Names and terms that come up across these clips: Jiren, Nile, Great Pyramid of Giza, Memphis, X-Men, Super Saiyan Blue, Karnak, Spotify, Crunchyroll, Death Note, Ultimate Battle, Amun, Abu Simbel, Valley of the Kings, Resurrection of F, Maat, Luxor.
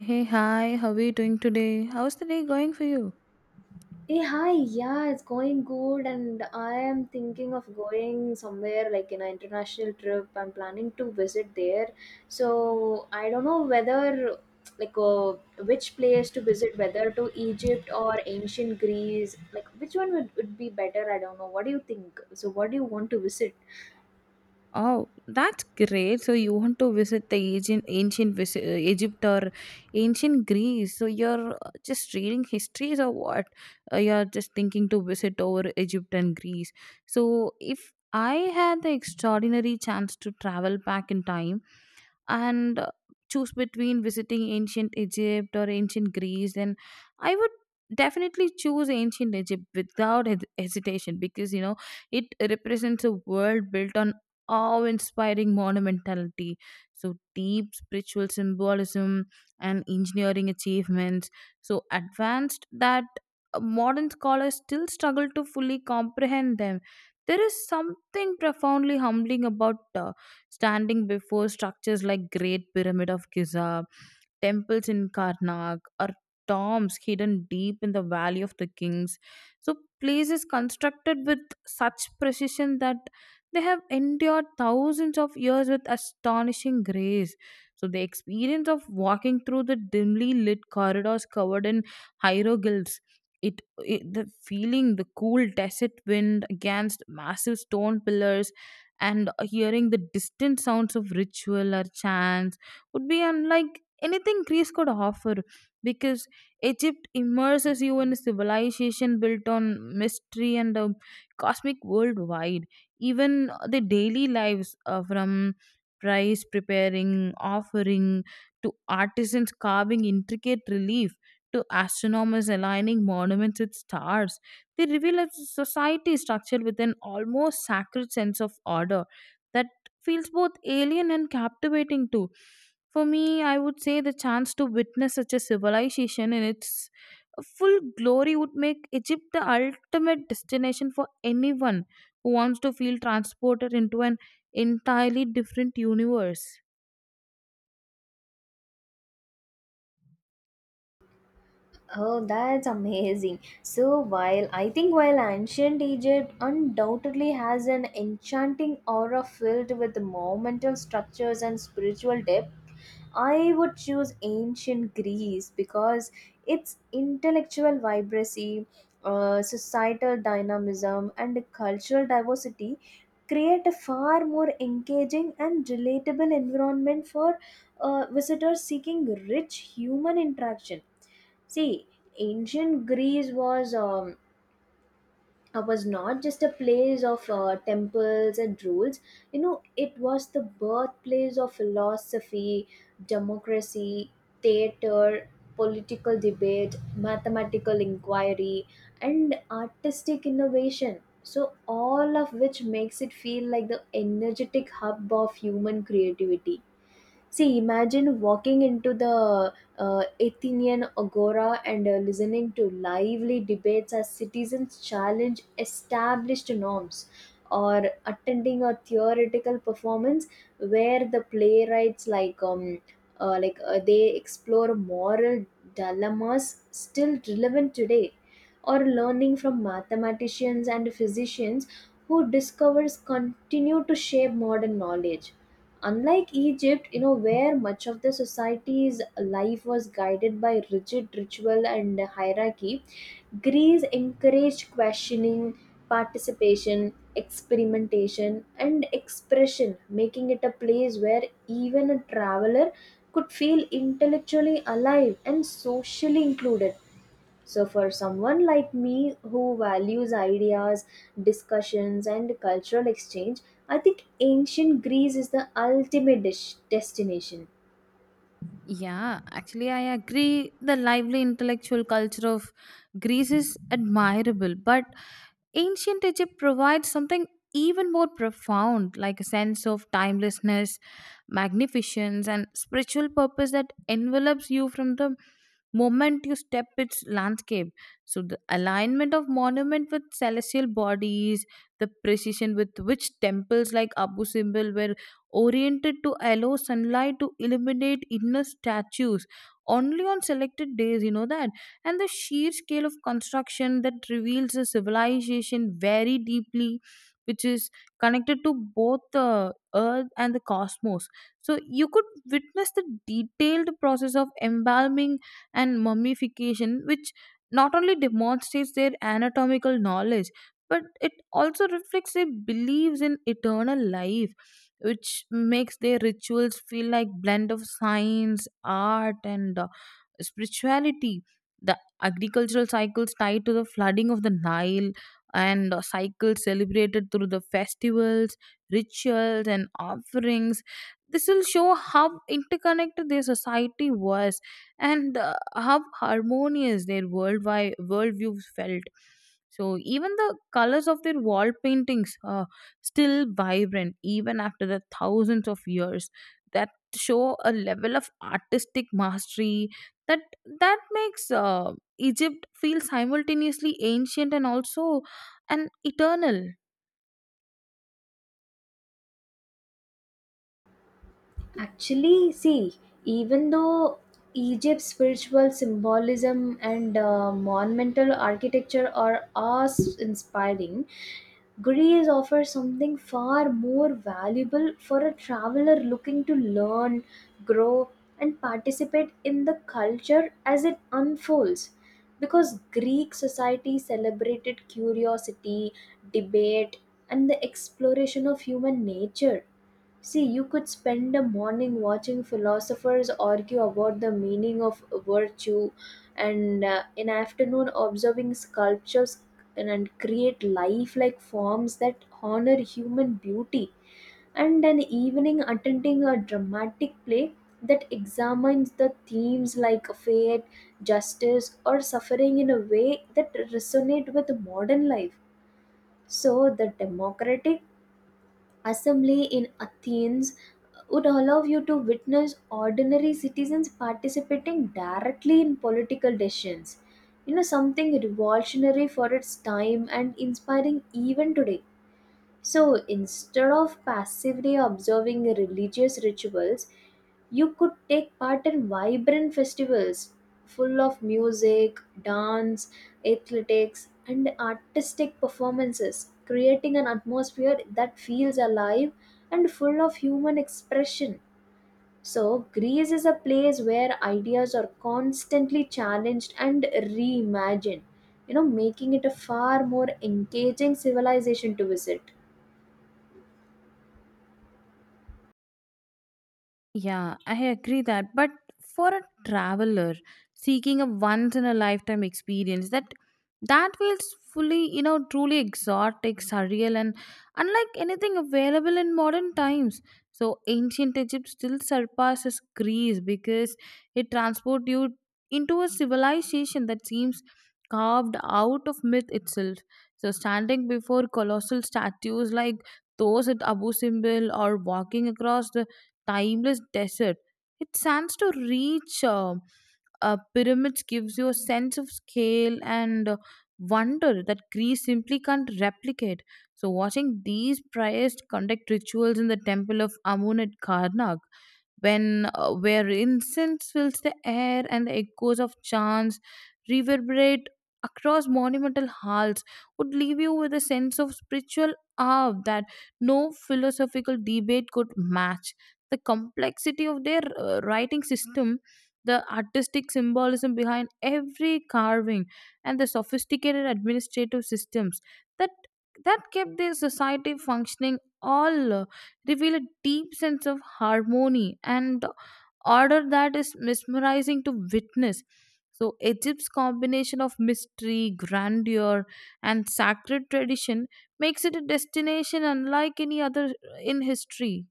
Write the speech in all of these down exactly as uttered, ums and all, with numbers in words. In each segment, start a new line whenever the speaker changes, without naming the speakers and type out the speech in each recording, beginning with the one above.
Hey, hi, how are you doing today? How's the day going for you?
Hey, hi, yeah, it's going good, and I am thinking of going somewhere like in an international trip. I'm planning to visit there, so I don't know whether like uh, which place to visit, whether to Egypt or ancient Greece. Like, which one would, would be better? I don't know. What do you think? So, what do you want to visit?
Oh, that's great. So, you want to visit the ancient, ancient vis- uh, Egypt or ancient Greece. So, you're uh, just reading histories or what? Uh, you're just thinking to visit over Egypt and Greece. So, if I had the extraordinary chance to travel back in time, and uh, choose between visiting ancient Egypt or ancient Greece, then I would definitely choose ancient Egypt without hes- hesitation, because you know it represents a world built on awe inspiring monumentality. So, deep spiritual symbolism and engineering achievements so advanced that uh, modern scholars still struggle to fully comprehend them. There is something profoundly humbling about uh, standing before structures like Great Pyramid of Giza, temples in Karnak, or tombs hidden deep in the Valley of the Kings. So, places constructed with such precision that they have endured thousands of years with astonishing grace. So, the experience of walking through the dimly lit corridors covered in hieroglyphs. It, it The feeling, the cool desert wind against massive stone pillars, and hearing the distant sounds of ritual or chants would be unlike anything Greece could offer, because Egypt immerses you in a civilization built on mystery and a cosmic worldwide. Even the daily lives, uh, from price preparing, offering, to artisans carving intricate relief, to astronomers aligning monuments with stars, they reveal a society structured with an almost sacred sense of order that feels both alien and captivating too. For me, I would say the chance to witness such a civilization in its full glory would make Egypt the ultimate destination for anyone who wants to feel transported into an entirely different universe.
Oh, that's amazing. So, while I think while ancient Egypt undoubtedly has an enchanting aura filled with monumental structures and spiritual depth, I would choose ancient Greece because its intellectual vibrancy, uh, societal dynamism, and cultural diversity create a far more engaging and relatable environment for uh, visitors seeking rich human interaction. See, ancient Greece was um, uh, was not just a place of uh, temples and rules. You know, it was the birthplace of philosophy, democracy, theater, political debate, mathematical inquiry, and artistic innovation. So, all of which makes it feel like the energetic hub of human creativity. See, imagine walking into the uh, Athenian Agora and uh, listening to lively debates as citizens challenge established norms, or attending a theoretical performance where the playwrights like um uh, like uh, they explore moral dilemmas still relevant today, or learning from mathematicians and physicians who discovers continue to shape modern knowledge, unlike Egypt, you know, where much of the society's life was guided by rigid ritual and hierarchy. Greece encouraged questioning, participation, experimentation, and expression, making it a place where even a traveler could feel intellectually alive and socially included. So, for someone like me who values ideas, discussions, and cultural exchange, I think ancient Greece is the ultimate dis- destination.
Yeah, actually, I agree. The lively intellectual culture of Greece is admirable, but ancient Egypt provides something even more profound, like a sense of timelessness, magnificence, and spiritual purpose that envelops you from the moment you step its landscape. So, the alignment of monument with celestial bodies, the precision with which temples like Abu Simbel were oriented to allow sunlight to illuminate inner statues only on selected days, you know that and the sheer scale of construction that reveals a civilization very deeply, which is connected to both the earth and the cosmos. So you could witness the detailed process of embalming and mummification, which not only demonstrates their anatomical knowledge but it also reflects their beliefs in eternal life, which makes their rituals feel like blend of science art and uh, spirituality. The agricultural cycles tied to the flooding of the Nile, and uh, cycles celebrated through the festivals, rituals and offerings, this will show how interconnected their society was and uh, how harmonious their worldwide worldviews felt. So even the colors of their wall paintings, uh, still vibrant even after the thousands of years, that show a level of artistic mastery that that makes uh, Egypt feel simultaneously ancient and also and eternal.
Actually, see, even though Egypt's spiritual symbolism and uh, monumental architecture are awe-inspiring, Greece offers something far more valuable for a traveler looking to learn, grow, and participate in the culture as it unfolds. Because Greek society celebrated curiosity, debate, and the exploration of human nature. See, you could spend a morning watching philosophers argue about the meaning of virtue, and uh, an afternoon observing sculptures and, and create lifelike forms that honor human beauty, and an evening attending a dramatic play that examines the themes like fate, justice, or suffering in a way that resonate with modern life. So, the democratic assembly in Athens would allow you to witness ordinary citizens participating directly in political decisions. You know, something revolutionary for its time and inspiring even today. So instead of passively observing religious rituals, you could take part in vibrant festivals full of music, dance, athletics, and artistic performances, creating an atmosphere that feels alive and full of human expression. So, Greece is a place where ideas are constantly challenged and reimagined, you know, making it a far more engaging civilization to visit.
Yeah, I agree that. But for a traveler seeking a once in a lifetime experience, that that feels fully, you know, truly exotic, surreal, and unlike anything available in modern times. So ancient Egypt still surpasses Greece because it transports you into a civilization that seems carved out of myth itself. So standing before colossal statues like those at Abu Simbel, or walking across the timeless desert. It stands to reach uh, uh, pyramids gives you a sense of scale and uh, wonder that Greece simply can't replicate. So watching these priests conduct rituals in the temple of Amun at Karnak, when uh, where incense fills the air and the echoes of chants reverberate across monumental halls, would leave you with a sense of spiritual awe that no philosophical debate could match. The complexity of their uh, writing system, the artistic symbolism behind every carving, and the sophisticated administrative systems that that kept their society functioning, all uh, reveal a deep sense of harmony and order that is mesmerizing to witness. So, Egypt's combination of mystery, grandeur, and sacred tradition makes it a destination unlike any other in history.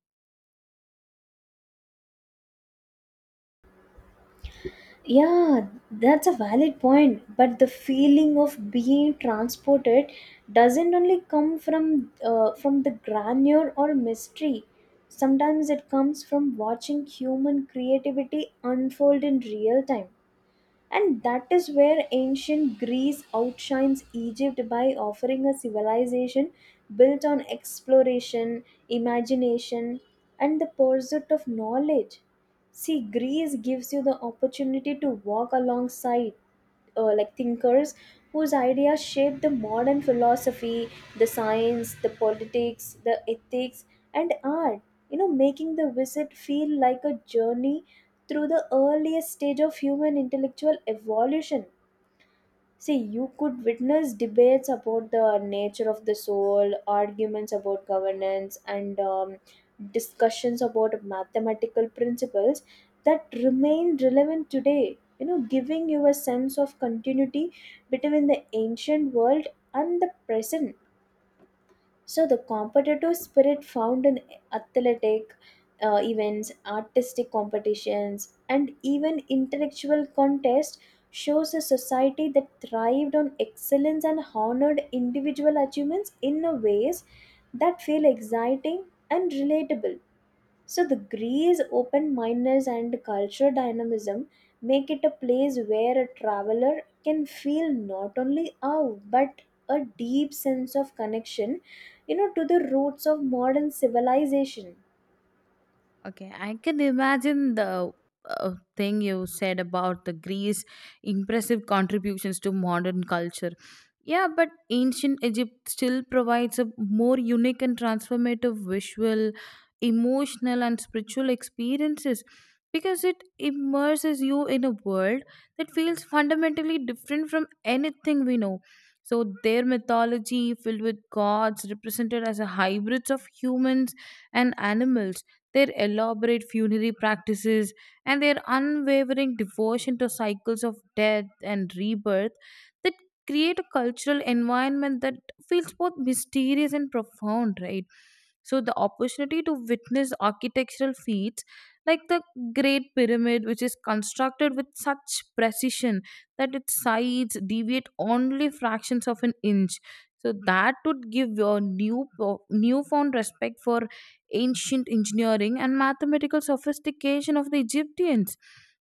Yeah, that's a valid point. But the feeling of being transported doesn't only come from uh, from the grandeur or mystery. Sometimes it comes from watching human creativity unfold in real time. And that is where ancient Greece outshines Egypt by offering a civilization built on exploration, imagination, and the pursuit of knowledge. See, Greece gives you the opportunity to walk alongside uh, like thinkers whose ideas shaped the modern philosophy, the science, the politics, the ethics, and art. You know, making the visit feel like a journey through the earliest stage of human intellectual evolution. See, you could witness debates about the nature of the soul, arguments about governance, and um, discussions about mathematical principles that remain relevant today. You know, giving you a sense of continuity between the ancient world and the present. So the competitive spirit found in athletic uh, events, artistic competitions, and even intellectual contests shows a society that thrived on excellence and honored individual achievements in a ways that feel exciting and relatable. So the Greece open mindedness and cultural dynamism make it a place where a traveler can feel not only awe but a deep sense of connection, you know, to the roots of modern civilization.
Okay, I can imagine the uh, thing you said about the Greece impressive contributions to modern culture. Yeah, but ancient Egypt still provides a more unique and transformative visual, emotional and spiritual experiences because it immerses you in a world that feels fundamentally different from anything we know. So their mythology filled with gods represented as a hybrids of humans and animals, their elaborate funerary practices, and their unwavering devotion to cycles of death and rebirth, that create a cultural environment that feels both mysterious and profound, right? So, the opportunity to witness architectural feats like the Great Pyramid, which is constructed with such precision that its sides deviate only fractions of an inch. So that would give your new newfound respect for ancient engineering, and mathematical sophistication of the Egyptians.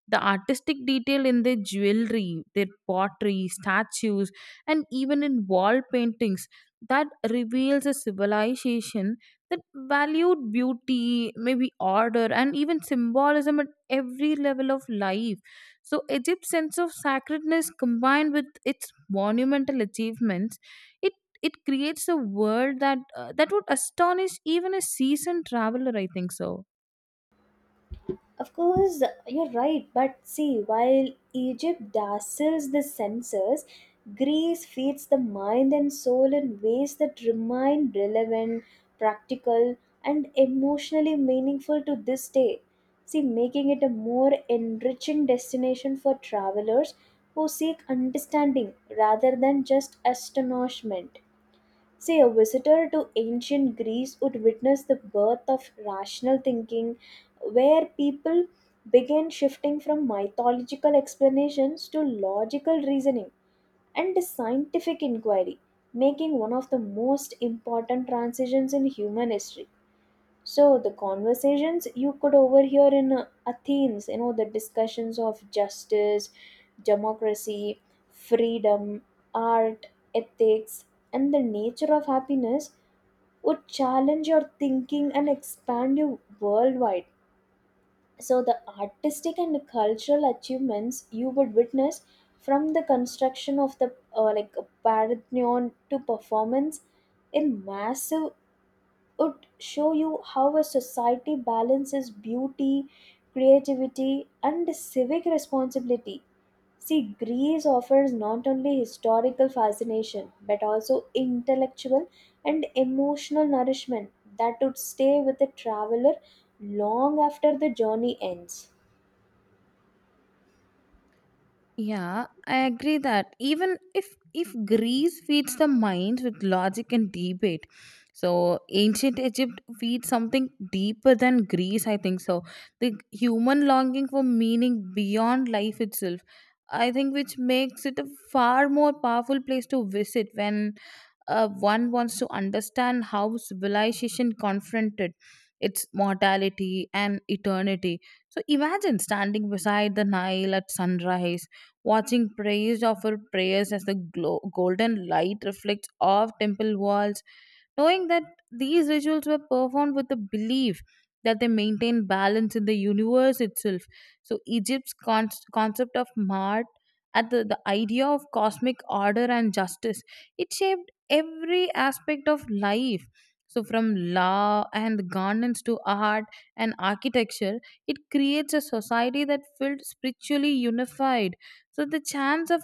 The artistic detail in their jewelry, their pottery, statues, and even in wall paintings, that reveals a civilization that valued beauty, maybe order, and even symbolism at every level of life. So, Egypt's sense of sacredness combined with its monumental achievements, it it creates a world that uh, that would astonish even a seasoned traveler, I think so.
Of course, you're right, but see, while Egypt dazzles the senses, Greece feeds the mind and soul in ways that remain relevant, practical, and emotionally meaningful to this day. See, making it a more enriching destination for travelers who seek understanding rather than just astonishment. See, a visitor to ancient Greece would witness the birth of rational thinking, where people began shifting from mythological explanations to logical reasoning and scientific inquiry, making one of the most important transitions in human history. So the conversations you could overhear in uh, Athens, you know, the discussions of justice, democracy, freedom, art, ethics, and the nature of happiness would challenge your thinking and expand you worldwide. So the artistic and cultural achievements you would witness from the construction of the uh, like Parthenon to performance in massive would show you how a society balances beauty, creativity, and civic responsibility. See, Greece offers not only historical fascination but also intellectual and emotional nourishment that would stay with the traveler long after the journey ends.
Yeah, I agree that, even if if Greece feeds the mind with logic and debate, so ancient Egypt feeds something deeper than Greece, I think so. The human longing for meaning beyond life itself, I think, which makes it a far more powerful place to visit when uh, one wants to understand how civilization confronted its mortality and eternity. So imagine standing beside the Nile at sunrise, watching priests offer prayers as the glo- golden light reflects off temple walls, knowing that these rituals were performed with the belief that they maintain balance in the universe itself. So Egypt's con- concept of Mart, at the, the idea of cosmic order and justice, it shaped every aspect of life. So from law and governance to art and architecture, it creates a society that felt spiritually unified. So the chance of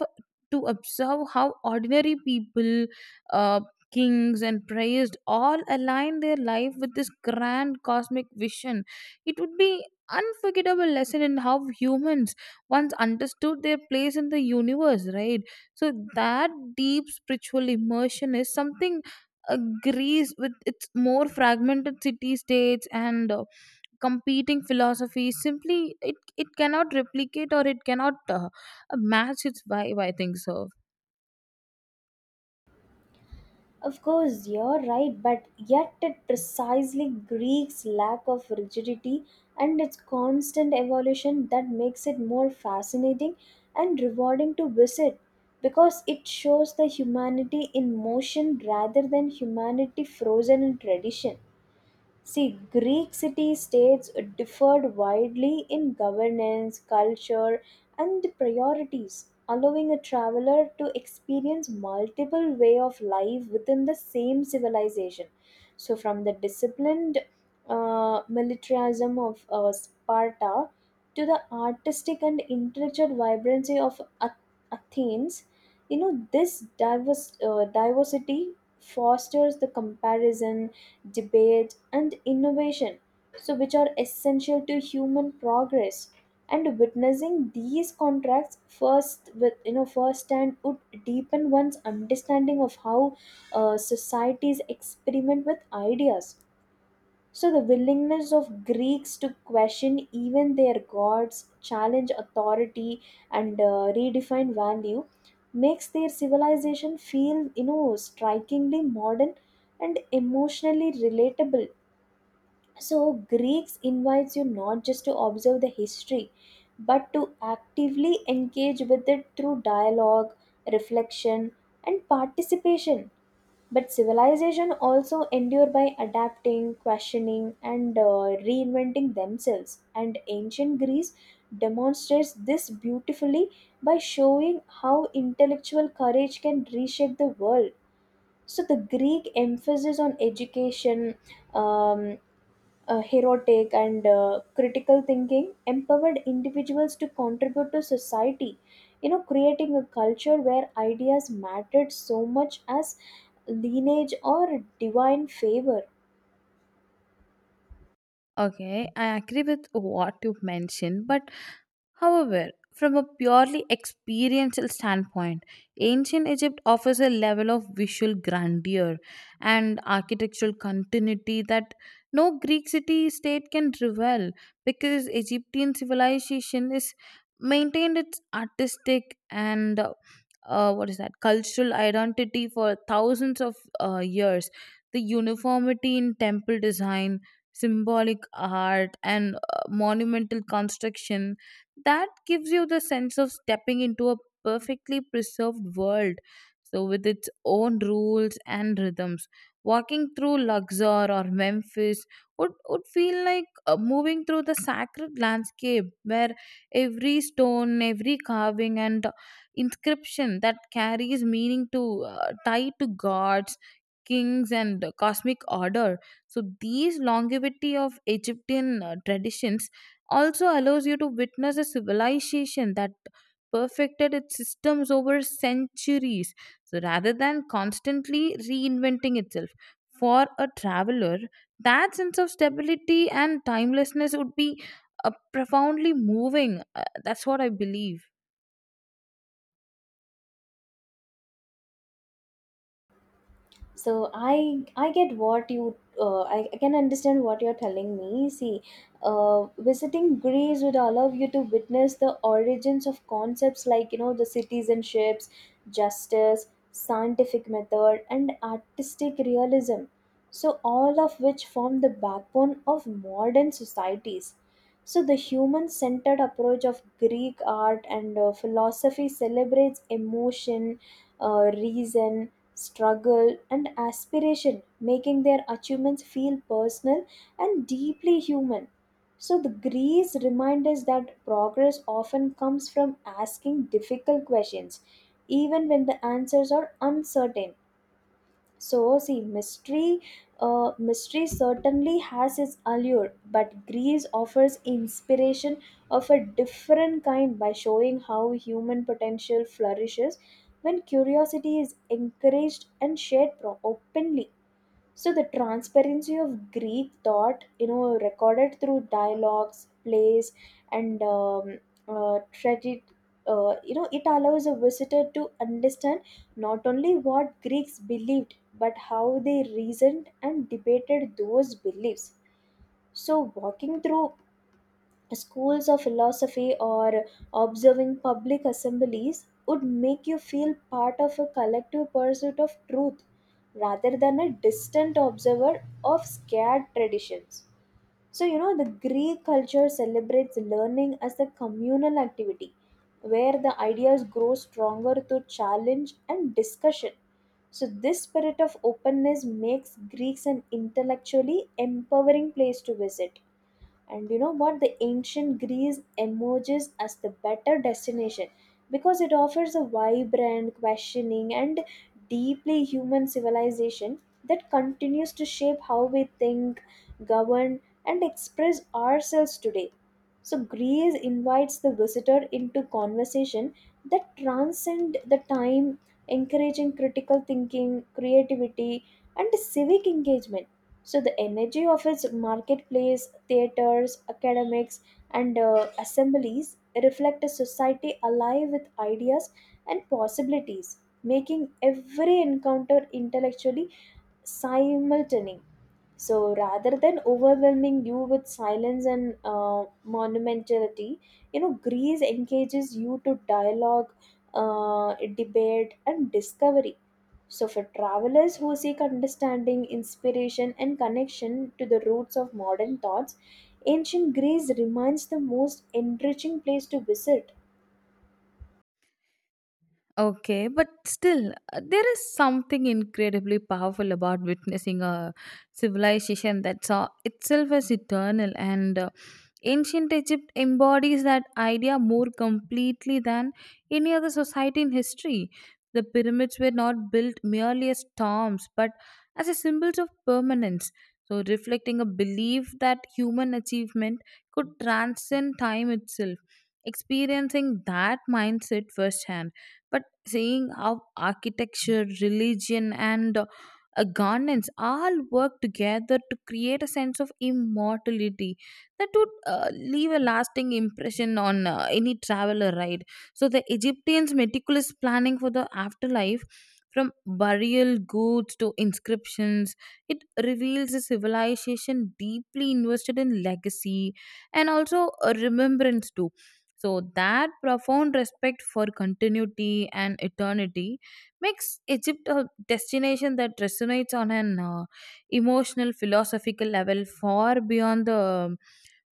to observe how ordinary people, uh, kings and praised, all align their life with this grand cosmic vision, it would be unforgettable lesson in how humans once understood their place in the universe, right? So that deep spiritual immersion is something uh, Greece, with its more fragmented city states and uh, competing philosophies, simply it, it cannot replicate, or it cannot uh, match its vibe, I think so.
Of course, you're right, but yet it precisely Greek's lack of rigidity and its constant evolution that makes it more fascinating and rewarding to visit because it shows the humanity in motion rather than humanity frozen in tradition. See, Greek city states differed widely in governance, culture, and priorities, allowing a traveler to experience multiple way of life within the same civilization. So, from the disciplined uh, militarism of uh, Sparta to the artistic and intellectual vibrancy of Ath- Athens, you know, this diverse, uh, diversity fosters the comparison debate, and innovation, so which are essential to human progress. And witnessing these contracts first with you know firsthand would deepen one's understanding of how uh, societies experiment with ideas. So the willingness of Greeks to question even their gods, challenge authority, and uh, redefine value makes their civilization feel, you know, strikingly modern and emotionally relatable. So, Greeks invites you not just to observe the history, but to actively engage with it through dialogue, reflection, and participation. But civilization also endure by adapting, questioning, and uh, reinventing themselves. And ancient Greece demonstrates this beautifully by showing how intellectual courage can reshape the world. So, the Greek emphasis on education, um, uh, heroic and uh, critical thinking empowered individuals to contribute to society, you know, creating a culture where ideas mattered so much as lineage or divine favor.
Okay, I agree with what you mentioned, but however, from a purely experiential standpoint, ancient Egypt offers a level of visual grandeur and architectural continuity that no Greek city state can rival, because Egyptian civilization is maintained its artistic and uh, uh, what is that cultural identity for thousands of uh, years. The uniformity in temple design, symbolic art, and uh, monumental construction, that gives you the sense of stepping into a perfectly preserved world, so with its own rules and rhythms, walking through Luxor or Memphis would, would feel like uh, moving through the sacred landscape, where every stone, every carving and inscription that carries meaning, to uh, tied to gods, kings and cosmic order. So these longevity of Egyptian uh, traditions also allows you to witness a civilization that perfected its systems over centuries, so rather than constantly reinventing itself, for a traveler, that sense of stability and timelessness would be uh, profoundly moving, uh, that's what I believe.
So i i get what you uh, I, I can understand what you're telling me. See, uh, visiting Greece would allow you to witness the origins of concepts like, you know, the citizenships, justice, scientific method, and artistic realism. So all of which form the backbone of modern societies. So the human centered approach of Greek art and uh, philosophy celebrates emotion, uh, reason, struggle, and aspiration, making their achievements feel personal and deeply human. So, the Greece remind us that progress often comes from asking difficult questions, even when the answers are uncertain. So, see, mystery, uh, mystery certainly has its allure, but Greece offers inspiration of a different kind by showing how human potential flourishes when curiosity is encouraged and shared pro- openly. So the transparency of Greek thought, you know, recorded through dialogues, plays, and um, uh, tragedy, uh, you know, it allows a visitor to understand not only what Greeks believed but how they reasoned and debated those beliefs. So walking through schools of philosophy or observing public assemblies would make you feel part of a collective pursuit of truth rather than a distant observer of scared traditions. So, you know, the Greek culture celebrates learning as a communal activity where the ideas grow stronger through challenge and discussion. So, this spirit of openness makes Greeks an intellectually empowering place to visit. And you know what? The ancient Greece emerges as the better destination because it offers a vibrant, questioning, and deeply human civilization that continues to shape how we think, govern, and express ourselves today. So, Greece invites the visitor into conversation that transcend the time, encouraging critical thinking, creativity, and civic engagement. So, the energy of its marketplace, theaters, academics, and uh, assemblies reflect a society alive with ideas and possibilities, making every encounter intellectually simultaneous. So rather than overwhelming you with silence and uh, monumentality, you know, Greece engages you to dialogue, uh, debate, and discovery. So for travelers who seek understanding, inspiration, and connection to the roots of modern thoughts, ancient Greece remains the most enriching place to visit.
Okay, but still, uh, there is something incredibly powerful about witnessing a civilization that saw itself as eternal, and uh, ancient Egypt embodies that idea more completely than any other society in history. The pyramids were not built merely as tombs, but as a symbols of permanence. So, reflecting a belief that human achievement could transcend time itself. Experiencing that mindset firsthand. But seeing how architecture, religion, and uh, a governance all work together to create a sense of immortality, that would uh, leave a lasting impression on uh, any traveler, right? So, the Egyptians' meticulous planning for the afterlife, from burial goods to inscriptions, it reveals a civilization deeply invested in legacy and also a remembrance too. So that profound respect for continuity and eternity makes Egypt a destination that resonates on an uh, emotional, philosophical level far beyond the um,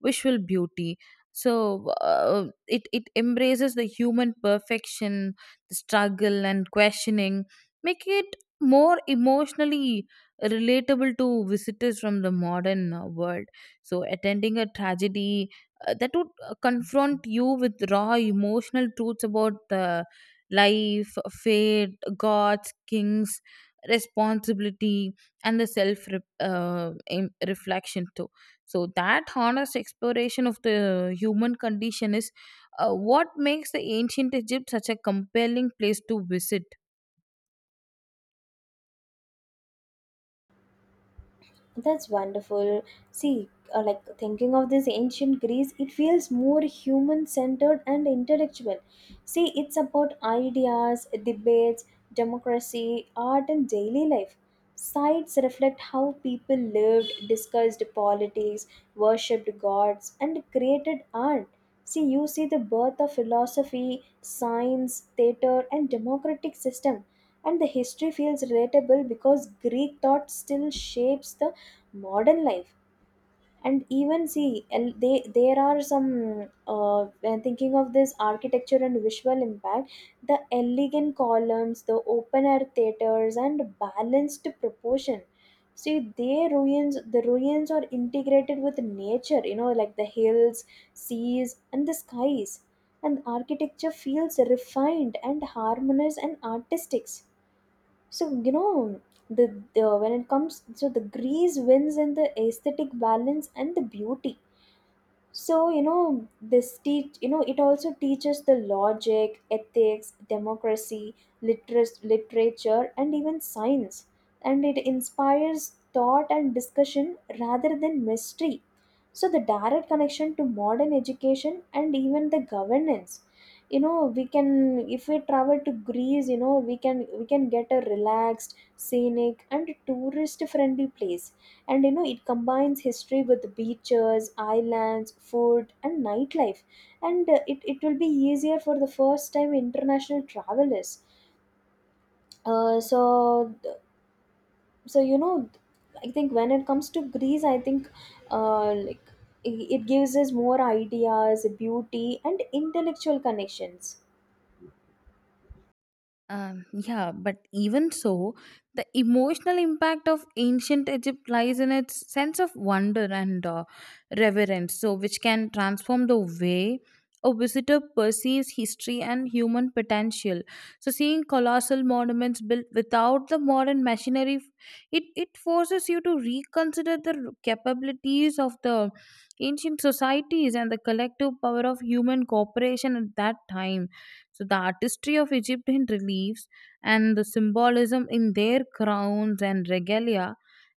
visual beauty, so uh, it it embraces the human perfection, the struggle and questioning, making it more emotionally relatable to visitors from the modern uh, world. So attending a tragedy uh, that would uh, confront you with raw emotional truths about uh, life, fate, gods, kings, responsibility, and the self re- uh, em- reflection too. So, that honest exploration of the human condition is uh, what makes the ancient Egypt such a compelling place to visit.
That's wonderful. See, uh, like thinking of this ancient Greece, it feels more human centered and intellectual. See, it's about ideas, debates, democracy, art, and daily life. Sites reflect how people lived, discussed politics, worshipped gods, and created art. See, you see the birth of philosophy, science, theater, and democratic system, and the history feels relatable because Greek thought still shapes the modern life. And even see and they there are some uh, when thinking of this architecture and visual impact, the elegant columns, the open air theaters, and balanced proportion. See, they ruins the ruins are integrated with nature, you know, like the hills, seas, and the skies. And architecture feels refined and harmonious and artistic. So, you know, the, the when it comes, so the grease wins in the aesthetic balance and the beauty. So, you know, this teach, you know, it also teaches the logic, ethics, democracy, literas- literature, and even science. And it inspires thought and discussion rather than mystery. So the direct connection to modern education and even the governance, you know, we can, if we travel to Greece, you know, we can we can get a relaxed, scenic, and tourist friendly place. And you know it combines history with beaches, islands, food, and nightlife. And uh, it, it will be easier for the first time international travelers. Uh, so so you know I think when it comes to Greece, I think uh, like it it gives us more ideas, beauty, and intellectual connections.
Um, yeah, but even so, the emotional impact of ancient Egypt lies in its sense of wonder and uh, reverence, so which can transform the way a visitor perceives history and human potential. So, seeing colossal monuments built without the modern machinery, it it forces you to reconsider the capabilities of the ancient societies and the collective power of human cooperation at that time. So the artistry of Egyptian reliefs and the symbolism in their crowns and regalia,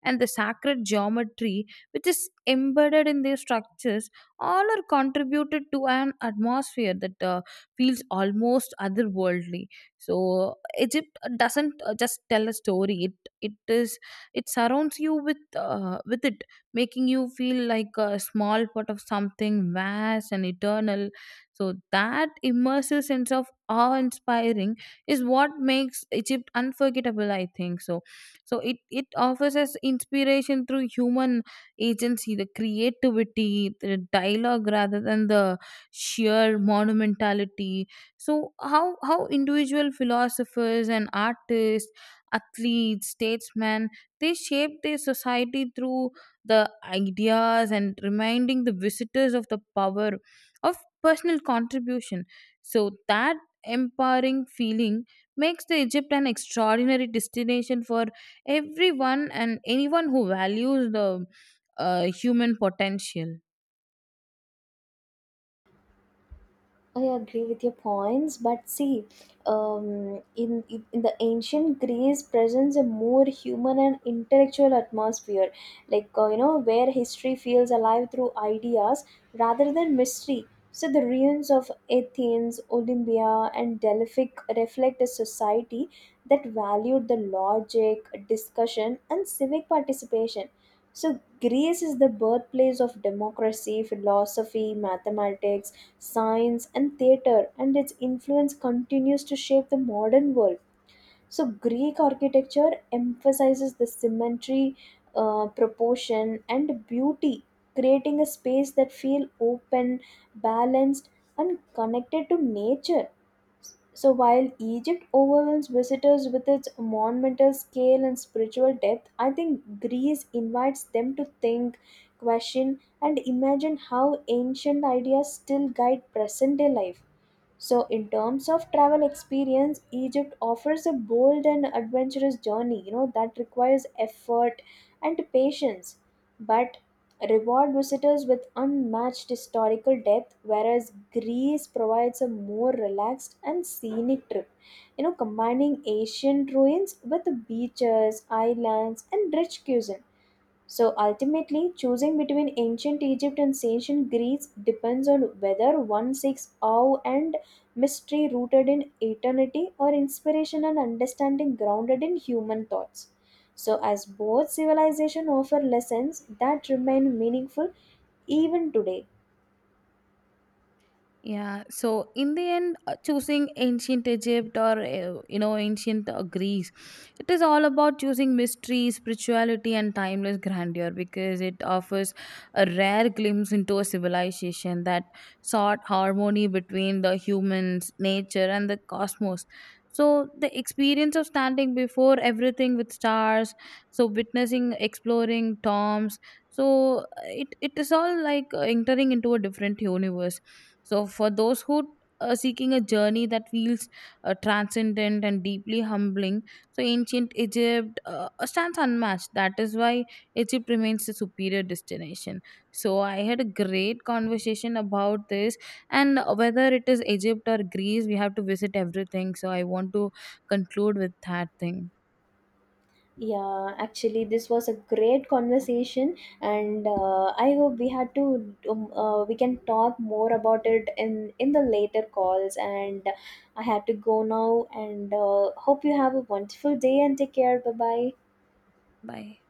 and the sacred geometry which is embedded in their structures, all are contributed to an atmosphere that uh, feels almost otherworldly. So Egypt doesn't uh, just tell a story, it it is it surrounds you with uh, with it, making you feel like a small part of something vast and eternal. So that immersive sense of awe-inspiring is what makes Egypt unforgettable, I think. So, so it it offers us inspiration through human agency, the creativity, the dialogue rather than the sheer monumentality. So how how individual philosophers and artists, athletes, statesmen, they shape their society through the ideas and reminding the visitors of the power of personal contribution. So that empowering feeling makes the Egypt an extraordinary destination for everyone and anyone who values the uh, human potential.
I agree with your points, but see, um, in in the ancient Greece presents a more human and intellectual atmosphere, like uh, you know, where history feels alive through ideas rather than mystery. So the ruins of Athens, Olympia, and Delphi reflect a society that valued the logic, discussion, and civic participation. So Greece is the birthplace of democracy, philosophy, mathematics, science, and theater, and its influence continues to shape the modern world. So, Greek architecture emphasizes the symmetry, uh, proportion, and beauty, creating a space that feels open, balanced, and connected to nature. So while Egypt overwhelms visitors with its monumental scale and spiritual depth, I think Greece invites them to think, question, and imagine how ancient ideas still guide present day life. So, in terms of travel experience, Egypt offers a bold and adventurous journey, you know, that requires effort and patience, but reward visitors with unmatched historical depth, whereas Greece provides a more relaxed and scenic trip, you know, combining ancient ruins with beaches, islands, and rich cuisine. So ultimately, choosing between ancient Egypt and ancient Greece depends on whether one seeks awe and mystery rooted in eternity or inspiration and understanding grounded in human thoughts. So, as both civilizations offer lessons that remain meaningful even today.
Yeah, so in the end, uh, choosing ancient Egypt or uh, you know ancient uh, Greece, it is all about choosing mystery, spirituality, and timeless grandeur, because it offers a rare glimpse into a civilization that sought harmony between the humans, nature, and the cosmos. So the experience of standing before everything with stars, so witnessing, exploring tombs, so uh, it it is all like uh, entering into a different universe. So, for those who are seeking a journey that feels uh, transcendent and deeply humbling, so ancient Egypt uh, stands unmatched. That is why Egypt remains the superior destination. So, I had a great conversation about this, and whether it is Egypt or Greece, we have to visit everything. So, I want to conclude with that thing.
Yeah, actually, this was a great conversation, and uh, I hope we had to um, uh, we can talk more about it in in the later calls. And I had to go now, and uh, hope you have a wonderful day and take care. Bye bye.
Bye.